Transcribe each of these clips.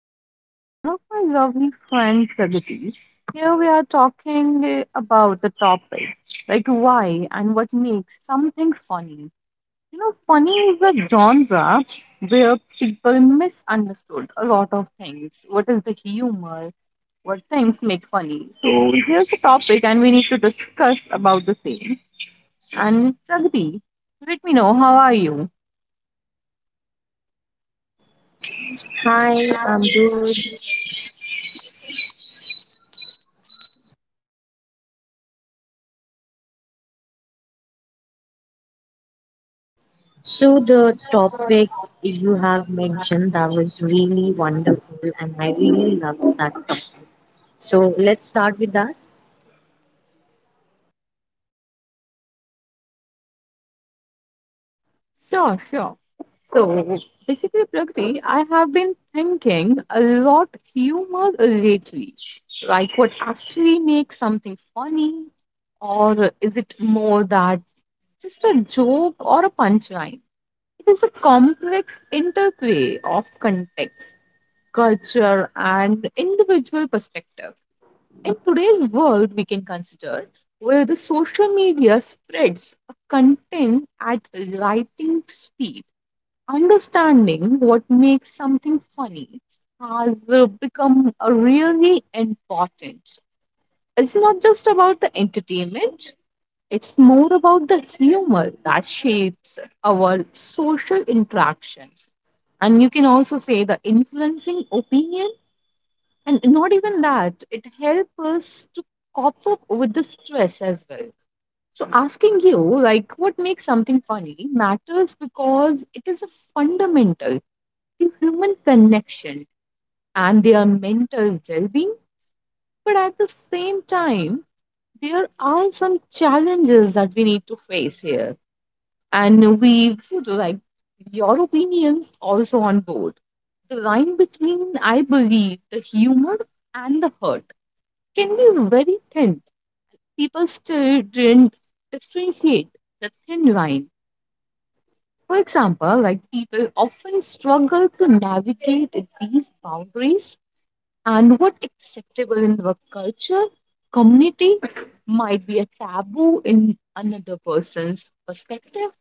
I'm with one of my lovely friends, Pragati. Here we are talking about the topic like why and what makes something funny. You know, funny is a genre where people misunderstood a lot of things. What is the humor? What things make funny? So here's the topic, and we need to discuss about the same. And Pragati, let me know how are you? Hi, I'm good. So the topic you have mentioned that was really wonderful and I really love that topic. So let's start with that. Sure, sure. So basically, Pragati, I have been thinking a lot humor lately. Like what actually makes something funny, or is it more that just a joke or a punchline? It is a complex interplay of context, culture, and individual perspective. In today's world, we can consider where the social media spreads content at lightning speed understanding what makes something funny has become a really important. It's not just about the entertainment, it's more about the humor that shapes our social interaction. And you can also say the influencing opinion, and not even that, it helps us to cope up with the stress as well. So, asking you, like, what makes something funny matters because it is a fundamental to human connection and their mental well being. But at the same time, there are some challenges that we need to face here. And we would like your opinions also on board. The line between, I believe, the humor and the hurt can be very thin. People still didn't differentiate the thin line. For example, like people often struggle to navigate these boundaries and what's acceptable in our culture, community might be a taboo in another person's perspective.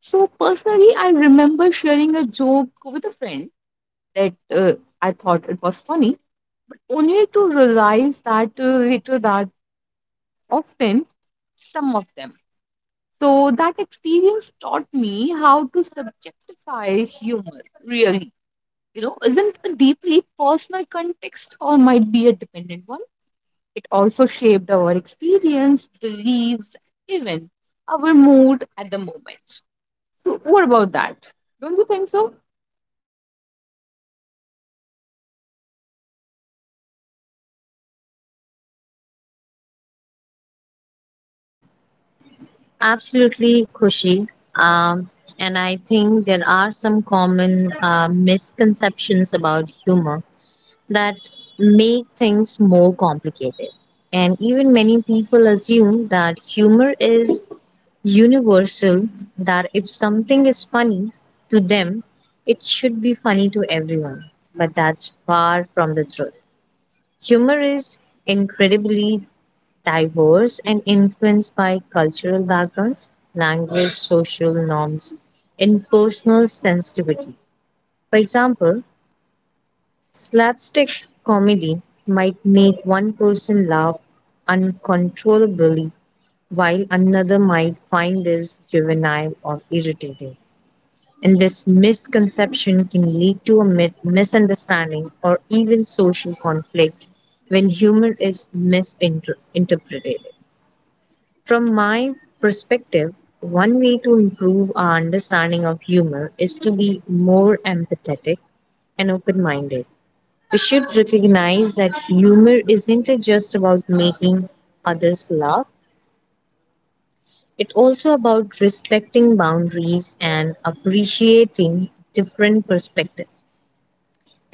So, personally, I remember sharing a joke with a friend that I thought it was funny, only to realize that later that often some of them. So, that experience taught me how to subjectify humor, really. You know, isn't a deeply personal context or might be a dependent one. It also shaped our experience, beliefs, even our mood at the moment. So, what about that? Don't you think so? Absolutely, Kushi. Um, and I think there are some common misconceptions about humor that make things more complicated. And even many people assume that humor is universal, that if something is funny to them, it should be funny to everyone. But that's far from the truth. Humor is incredibly diverse and influenced by cultural backgrounds, language, social norms, and personal sensitivities. For example, Slapstick comedy might make one person laugh uncontrollably, while another might find this juvenile or irritating. And this misconception can lead to a misunderstanding or even social conflict when humor is misinterpreted. From my perspective, one way to improve our understanding of humor is to be more empathetic and open minded. We should recognize that humor isn't just about making others laugh, it's also about respecting boundaries and appreciating different perspectives,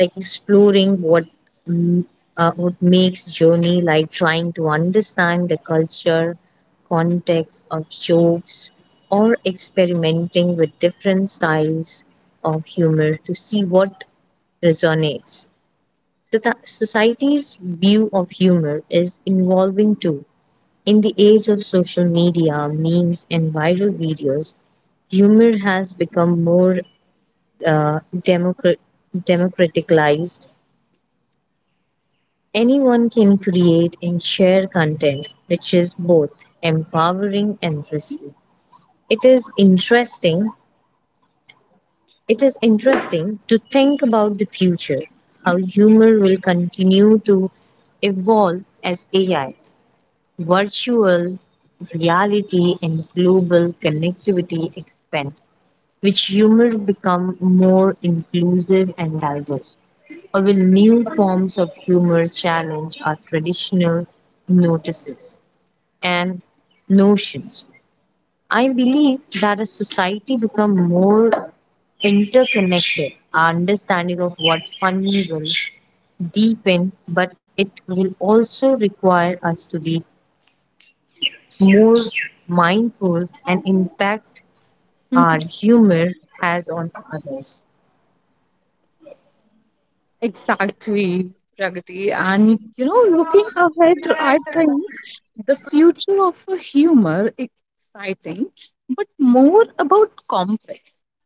like exploring what mm, what makes journey like trying to understand the culture, context of jokes, or experimenting with different styles of humor to see what resonates. Society's view of humor is evolving too. In the age of social media, memes, and viral videos, humor has become more uh, democra- democratized. Anyone can create and share content, which is both empowering and risky. It is interesting. It is interesting to think about the future, how humor will continue to evolve as AI Virtual reality and global connectivity expand, which humor become more inclusive and diverse. Or will new forms of humor challenge our traditional notices and notions? I believe that as society become more interconnected, our understanding of what funny will deepen, but it will also require us to be more mindful and impact our Mhm. humor has on others. Exactly, Pragati. And you know, looking ahead, I think the future of a humor is exciting, but more about complex.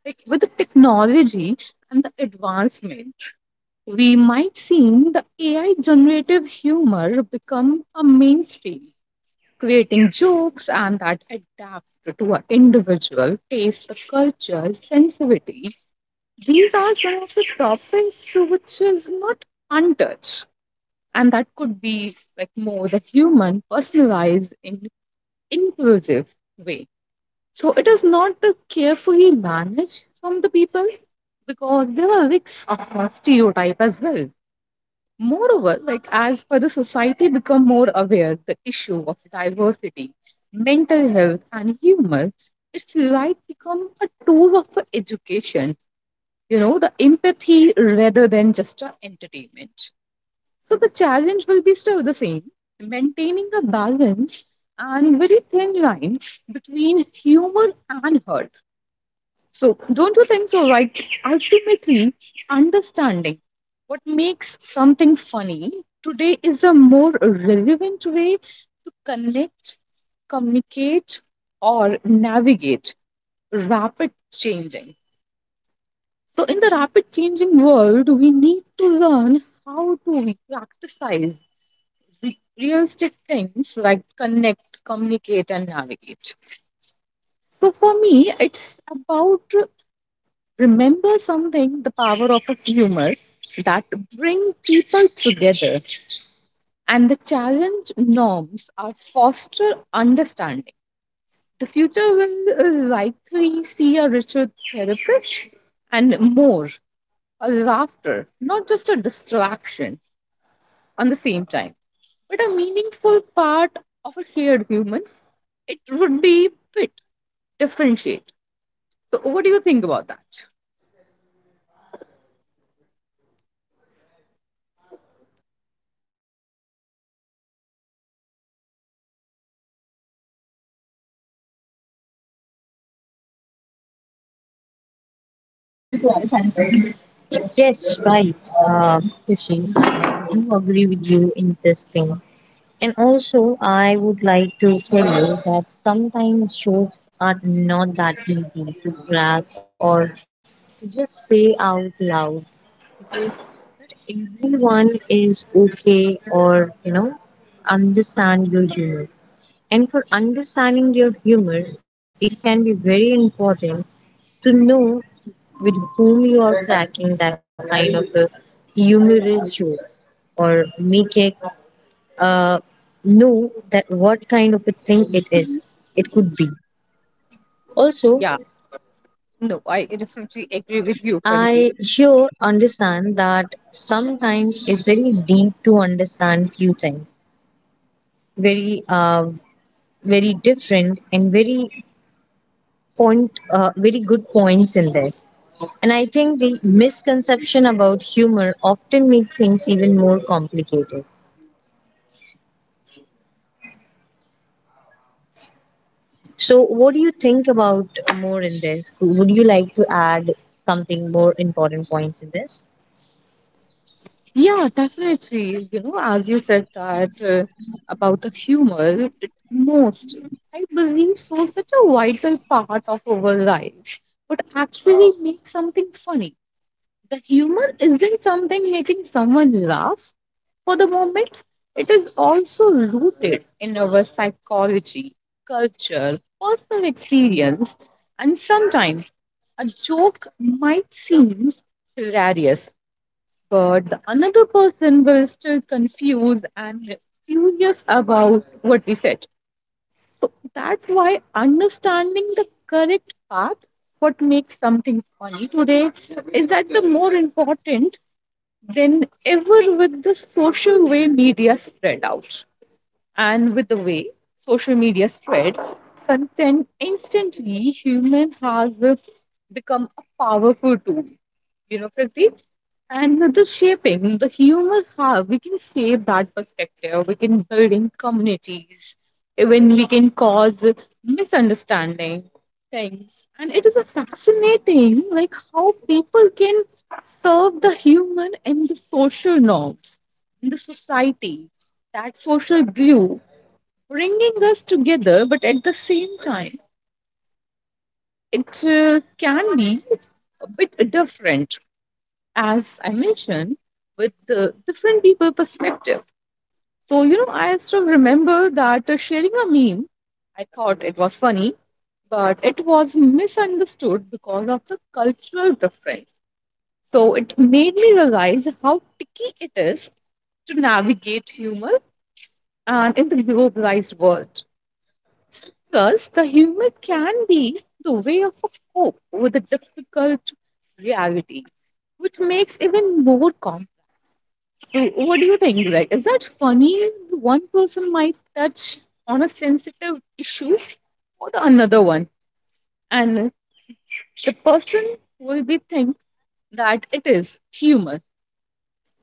Like with the technology and the advancement, we might see the AI generative humor become a mainstream creating jokes and that adapt to our individual taste, the culture, sensitivity. These are some of the topics which is not untouched, and that could be like more the human, personalized, in inclusive way. So it is not a carefully managed from the people because there are risks of stereotype as well. Moreover, like as per the society become more aware the issue of diversity, mental health and humor, it's like become a tool of education, you know, the empathy rather than just a entertainment. So the challenge will be still the same, maintaining a balance and very thin line between humor and hurt so, don't you think so? Like, ultimately, understanding what makes something funny today is a more relevant way to connect, communicate, or navigate rapid changing. So, in the rapid changing world, we need to learn how to practice realistic things like connect, communicate, and navigate. So, for me, it's about Remember something the power of a humor that bring people together and the challenge norms are foster understanding. The future will likely see a richer therapist and more a laughter, not just a distraction on the same time, but a meaningful part of a shared human. It would be a bit differentiate. So, what do you think about that? Yes, right, uh, Kushi. I do agree with you in this thing. And also, I would like to tell you that sometimes jokes are not that easy to crack or to just say out loud. Everyone is okay or, you know, understand your humor. And for understanding your humor, it can be very important to know with whom you are cracking that kind of a humorous joke or make it uh, know that what kind of a thing it Mhm. is, it could be also. Yeah, no, I definitely agree with you, Pragati. I sure understand that sometimes it's very deep to understand few things very very different and very point very good points in this. And I think the misconception about humor often make things even more complicated. So what do you think about more in this? Would you like to add something more important points in this? Yeah, definitely. You know, as you said that about the humor, it most, I believe so, such a vital part of our lives. But actually makes something funny. The humor isn't something making someone laugh for the moment. It is also rooted in our psychology, culture, personal experience, and sometimes a joke might seem hilarious but the another person will still confuse and furious about what we said. So that's why understanding the correct path, what makes something funny today, is that the more important than ever with the social way media spread out. And with the way social media spread, content instantly human has become a powerful tool. You know, Priti? And with the shaping, the humor has, we can shape that perspective. We can build in communities, even we can cause misunderstanding things. And it is a fascinating, like how people can serve the human and the social norms in the society. That social glue bringing us together, but at the same time, it can be a bit different as I mentioned, with the different people perspective. So, you know, I still remember that sharing a meme, I thought it was funny, but it was misunderstood because of the cultural difference. So it made me realize how tricky it is to navigate humor and in the globalized world. Plus, the humor can be the way of a cope with a difficult reality, which makes even more complex. So what do you think, Greg? Is that funny? One person might touch on a sensitive issue for the another one, and the person will be think that it is humor.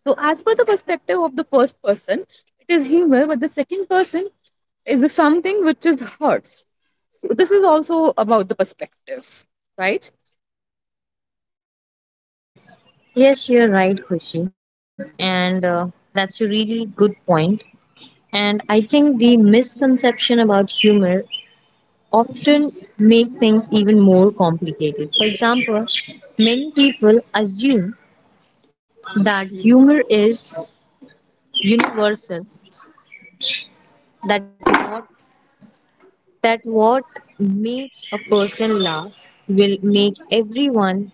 So as per the perspective of the first person, it is humor, but the second person is something which is hurts. So this is also about the perspectives, right? Yes, you're right, Khushi. And that's a really good point. And I think the misconception about humor often make things even more complicated. For example, many people assume that humor is universal, that what that what makes a person laugh will make everyone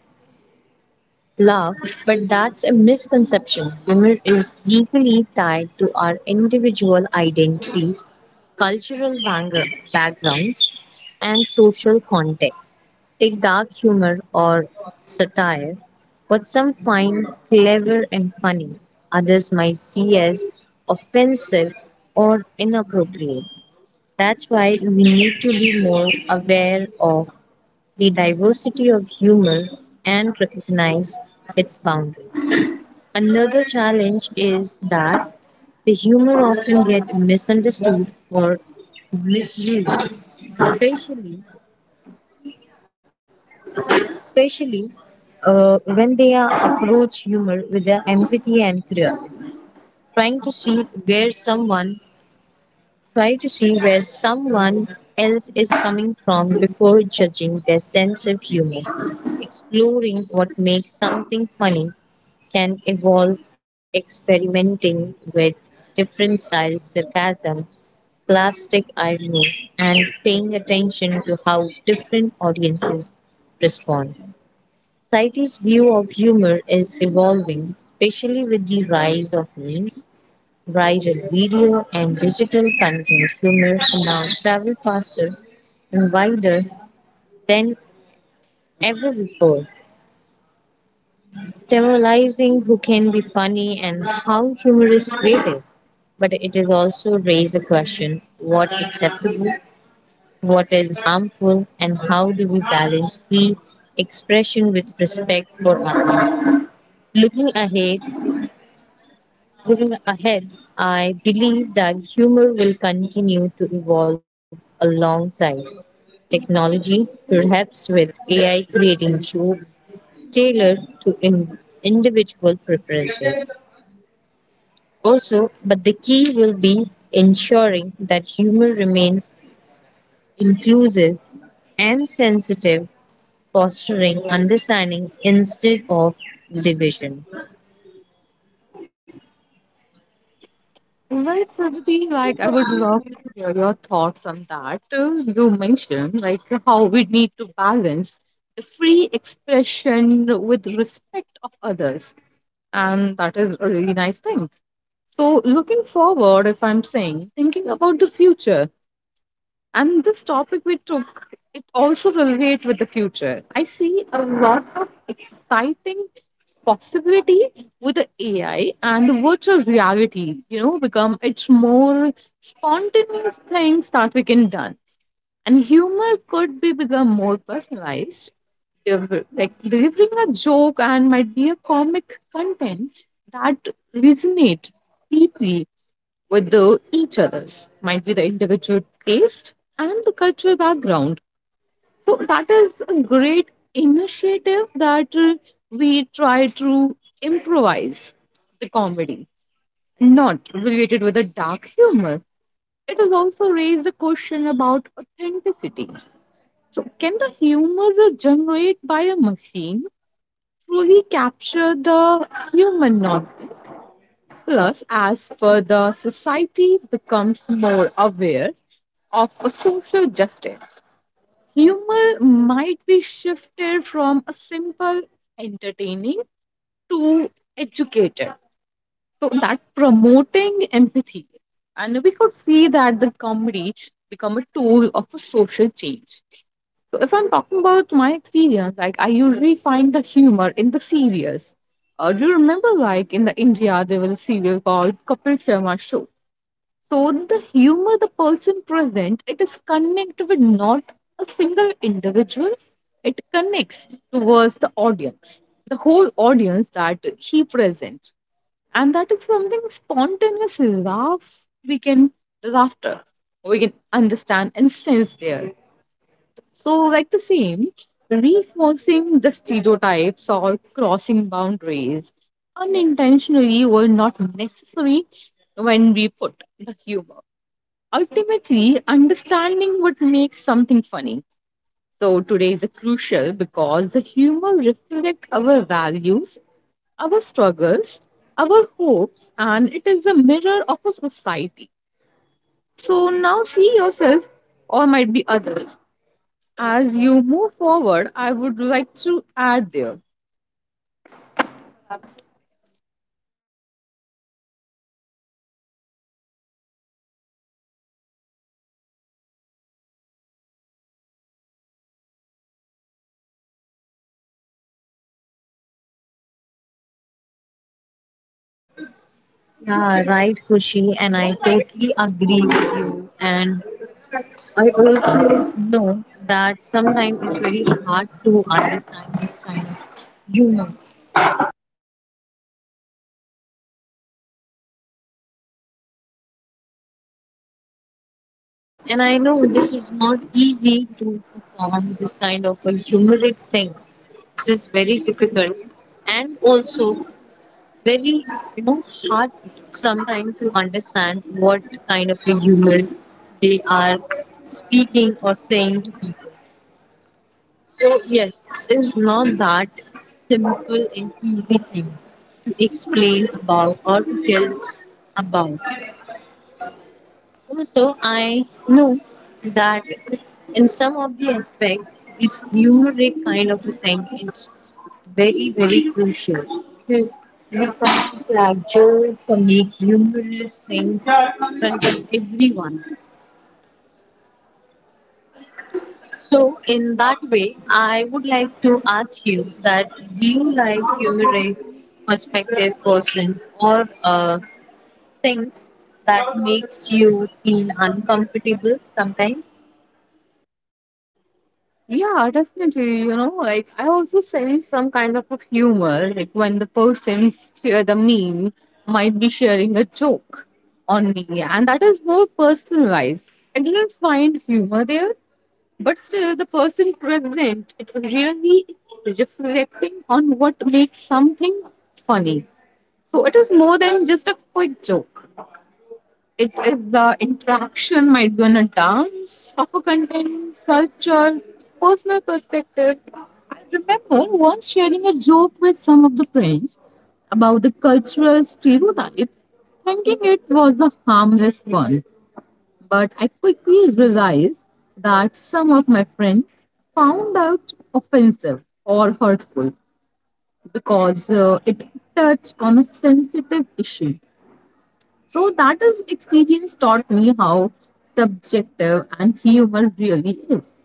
Love, but that's a misconception. Humor is deeply tied to our individual identities, cultural bang- backgrounds, and social contexts. Take dark humor or satire, what some find clever and funny, others might see as offensive or inappropriate. That's why we need to be more aware of the diversity of humor and recognize its boundaries. Another challenge is that the humor often get misunderstood or misused, especially especially when they are approach humor with the empathy and curiosity, trying to see where someone try to see where someone else is coming from before judging their sense of humor, exploring what makes something funny can evolve experimenting with different styles, sarcasm, slapstick irony, and paying attention to how different audiences respond. Society's view of humor is evolving, especially with the rise of memes, viral video, and digital content. Humor now travel faster and wider than ever before. Demoralizing who can be funny and how humor is creative. But it is also raise a question what acceptable, what is harmful, and how do we balance free expression with respect for others. Looking ahead, Looking ahead, I believe that humor will continue to evolve alongside technology, perhaps with AI creating jokes tailored to individual preferences. Also, but the key will be ensuring that humor remains inclusive and sensitive, fostering understanding instead of division. Well, Sarvati, like I would love to hear your thoughts on that. You mentioned like how we need to balance the free expression with respect of others, and that is a really nice thing. So, looking forward, if I'm saying, thinking about the future, and this topic we took, it also relate with the future. I see a lot of exciting possibility with the AI and the virtual reality, you know, become it's more spontaneous things that we can done. And humor could be become more personalized, like delivering a joke and might be a comic content that resonate deeply with the each other's might be the individual taste and the cultural background so that is a great initiative that we try to improvise the comedy not related with a dark humor it has also raised a question about authenticity so can the humor generated by a machine truly capture the human nonsense plus as per the society becomes more aware of social justice. Humor might be shifted from a simple entertaining to educated, so that promoting empathy. And we could see that the comedy become a tool of a social change. So if I'm talking about my experience, like I usually find the humor in the serious. Do you remember, like in the India, there was a serial called Kapil Sharma Show? So the humor the person present, it is connected with not a single individual. It connects towards the audience, the whole audience that he presents. And that is something spontaneous laugh we can laughter. We can understand and sense there. So like the same, reinforcing the stereotypes or crossing boundaries unintentionally were not necessary when we put the humor. Ultimately, understanding what makes something funny. So today is crucial because the humor reflects our values, our struggles, our hopes, and it is a mirror of a society. So now see yourself or might be others. As you move forward, I would like to add there. Yeah, right, Kushi, and I totally agree with you. And I also know that sometimes it's very hard to understand this kind of humors. And I know this is not easy to perform this kind of a humorous thing. This is very difficult and also very, you know, hard sometimes to understand what kind of a humor they are speaking or saying to people. So yes, this is not that simple and easy thing to explain about or to tell about. Also, I know that in some of the aspect, this numeric kind of a thing is very, very crucial because we can't crack jokes or make humorous things in front of everyone. So, in that way, I would like to ask you that do you like humorous perspective person or things that makes you feel uncomfortable sometimes? Yeah, definitely. You know, like I also sense some kind of a humor, like when the person share the meme might be sharing a joke on me, and that is more personalized. I didn't find humor there, but still, the person present it really reflecting on what makes something funny. So it is more than just a quick joke. It is the interaction might be on a dance, of a content, culture, personal perspective. I remember once sharing a joke with some of the friends about the cultural stereotype, thinking it was a harmless one. But I quickly realized that some of my friends found out offensive or hurtful because it touched on a sensitive issue so that is experience taught me how subjective and humor really is.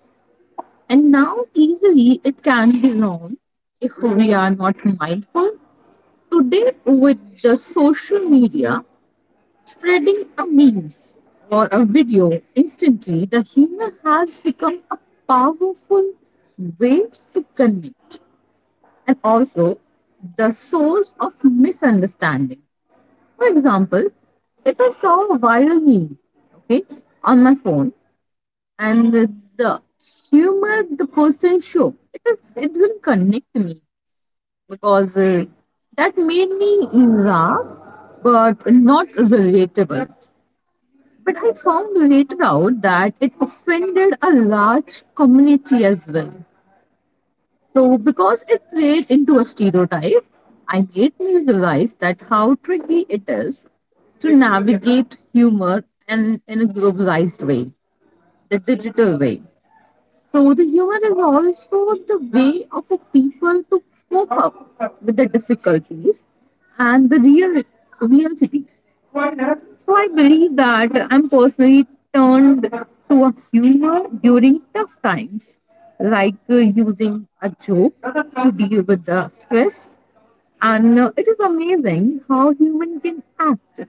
And now easily it can be wrong if we are not mindful. Today with the social media spreading a memes or a video instantly, the humor has become a powerful way to connect and also the source of misunderstanding. For example, if I saw a viral meme, okay, on my phone, and the humor the person show its it is it didn't connect me because that made me laugh, but not relatable. But I found later out that it offended a large community as well. So, because it plays into a stereotype, I made me realize that how tricky it is to navigate humor and in a globalized way, the digital way. So the humor is also the way of a people to cope up with the difficulties and the real reality. So I believe that I'm personally turned to a humor during tough times, like using a joke to deal with the stress. And It is amazing how human can act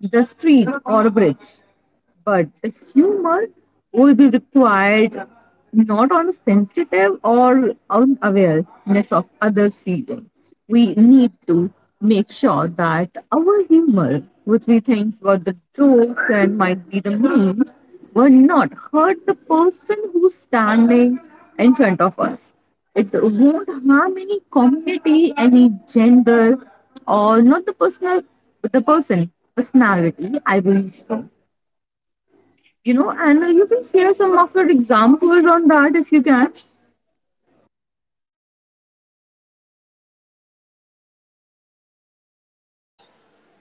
the street or a bridge, but the humor will be required not on sensitive or unawareness of others' feelings. We need to make sure that our humor, which we think were the jokes and might be the memes, will not hurt the person who's standing in front of us. It won't harm any community, any gender, or not the personal the person personality, I believe so. And you can share some of your examples on that if you can.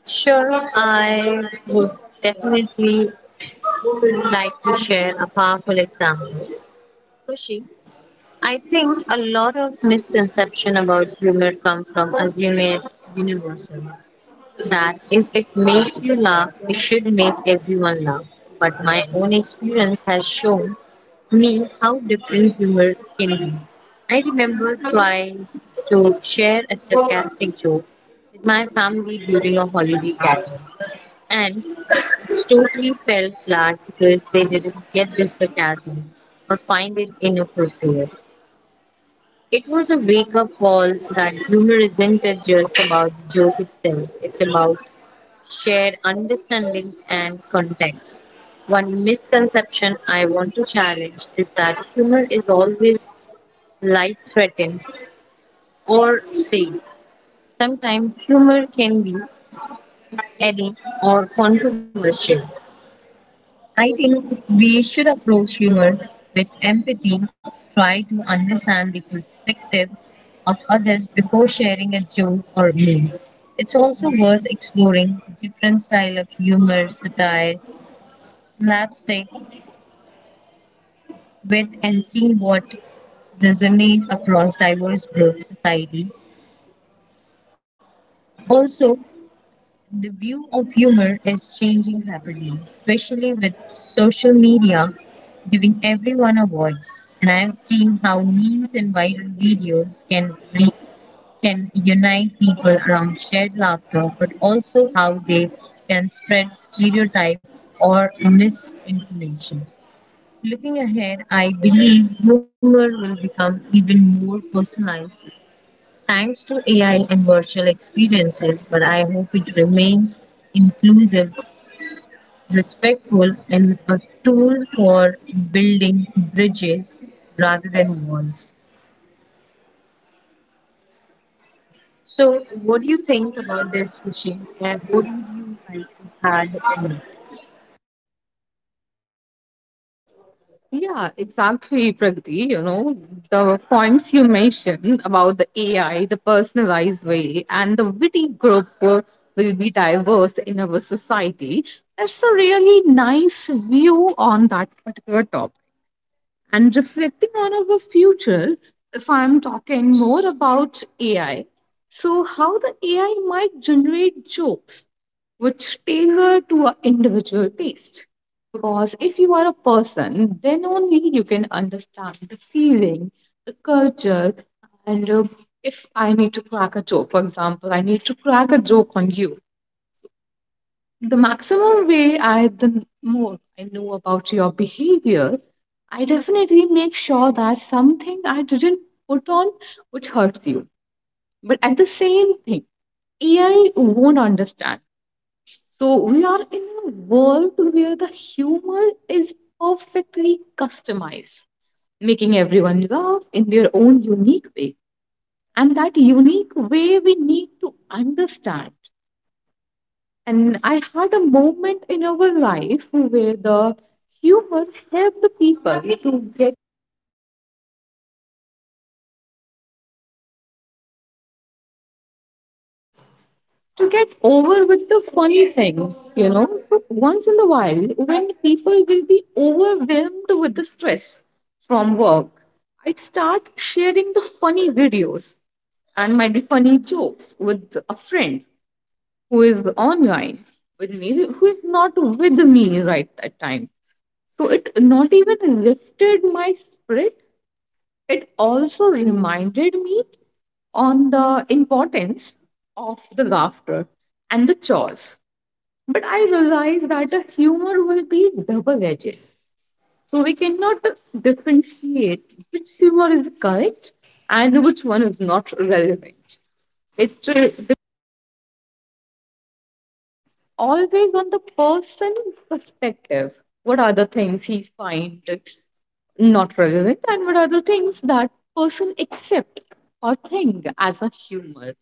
Sure, I would definitely like to share a powerful example. Kushi, I think a lot of misconception about humor come from assuming it's universal. That if it makes you laugh, it should make everyone laugh. But my own experience has shown me how different humor can be. I remember trying to share a sarcastic joke with my family during a holiday gathering, and Story fell flat because they didn't get the sarcasm or find it inappropriate. It was a wake up call that humor isn't just about the joke itself, it's about shared understanding and context. One misconception I want to challenge is that humor is always light threatened or safe. Sometimes humor can be edgy or controversial. I think we should approach humor with empathy, try to understand the perspective of others before sharing a joke or meme. It's also worth exploring different style of humor, satire, slapstick with and seeing what resonate across diverse groups society. Also, the view of humor is changing rapidly, especially with social media giving everyone a voice. And I have seen how memes and viral videos can unite people around shared laughter, but also how they can spread stereotype or misinformation. Looking ahead, I believe humor will become even more personalized thanks to AI and virtual experiences, but I hope it remains inclusive, respectful, and a tool for building bridges rather than walls. So, what do you think about this, Rishi? And what would you like to add in it? Yeah, exactly, Pragati. You know, the points you mentioned about the AI, the personalized way, and the witty group will be diverse in our society. That's a really nice view on that particular topic. And reflecting on our future, if I'm talking more about AI, so how the AI might generate jokes which tailor to our individual taste. Because if you are a person, then only you can understand the feeling, the culture, and if I need to crack a joke, for example, I need to crack a joke on you. The more I know about your behavior, I definitely make sure that something I didn't put on which hurts you. But at the same thing, AI won't understand. So we are in a world where the humor is perfectly customized, making everyone laugh in their own unique way. And that unique way we need to understand. And I had a moment in our life where the humor helped people to get over with the funny things, you know. So once in a while, when people will be overwhelmed with the stress from work, I'd start sharing the funny videos and might be funny jokes with a friend who is online with me, who is not with me right that time. So it not even lifted my spirit. It also reminded me on the importance of the laughter and the chores. But I realized that the humor will be double edged. So we cannot differentiate which humor is correct and which one is not relevant. It's always on the person perspective. What are the things he finds not relevant and what are the things that person accept or think as a humor?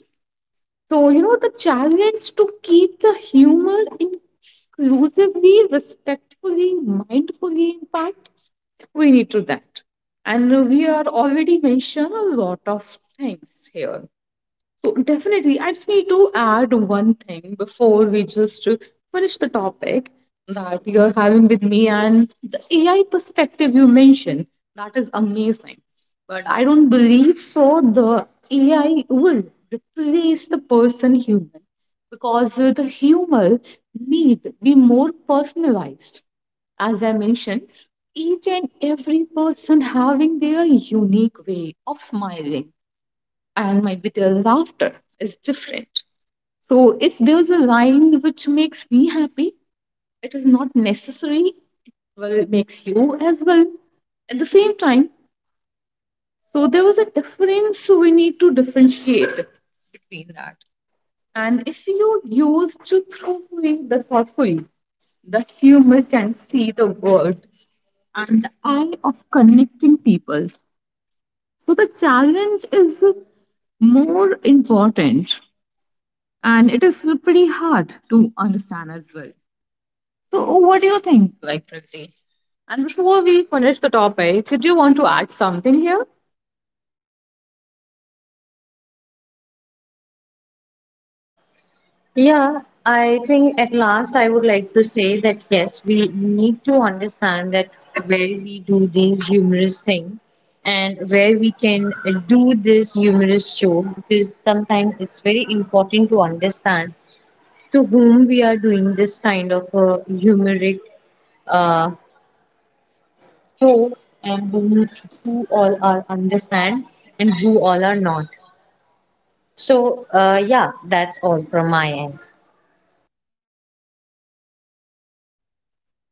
So, you know, the challenge to keep the humor inclusively, respectfully, mindfully, in fact, we need to that. And we are already mentioned a lot of things here. So definitely, I just need to add one thing before we just finish the topic that you're having with me and the AI perspective you mentioned. That is amazing. But I don't believe so. The AI will replace the person human because the humor need be more personalized. As I mentioned, each and every person having their unique way of smiling and might be their laughter is different. So if there's a line which makes me happy, it is not necessary, well, it makes you as well at the same time. So there was a difference, so we need to differentiate between that. And if you use to throw away the thoughtfully, the humor can see the world and the eye of connecting people. So the challenge is more important and it is pretty hard to understand as well. So, what do you think, like Priti? And before we finish the topic, did you want to add something here? Yeah, I think at last I would like to say that yes, we need to understand that where we do these humorous things and where we can do this humorous show because sometimes it's very important to understand to whom we are doing this kind of humoric uh, jokes and who all are understand and who all are not. So yeah, that's all from my end.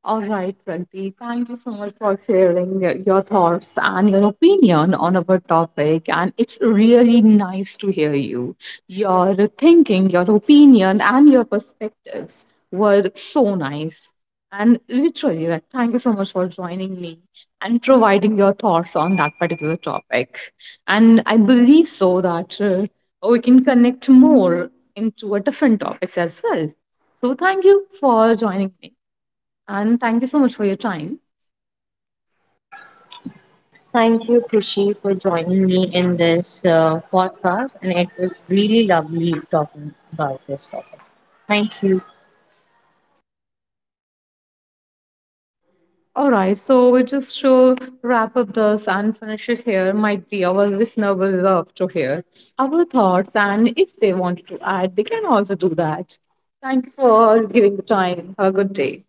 All right, Pragati, thank you so much for sharing your thoughts and your opinion on our topic. And it's really nice to hear you. Your thinking, your opinion, and your perspectives were so nice. And literally, like, thank you so much for joining me and providing your thoughts on that particular topic. And I believe so that we can connect more into a different topics as well. So thank you for joining me. And thank you so much for your time. Thank you, Krushi, for joining me in this podcast. And it was really lovely talking about this topic. Thank you. All right, so we just to wrap up this and finish it here, might be our listener will love to hear our thoughts, and if they want to add, they can also do that. Thank you for giving the time. Have a good day.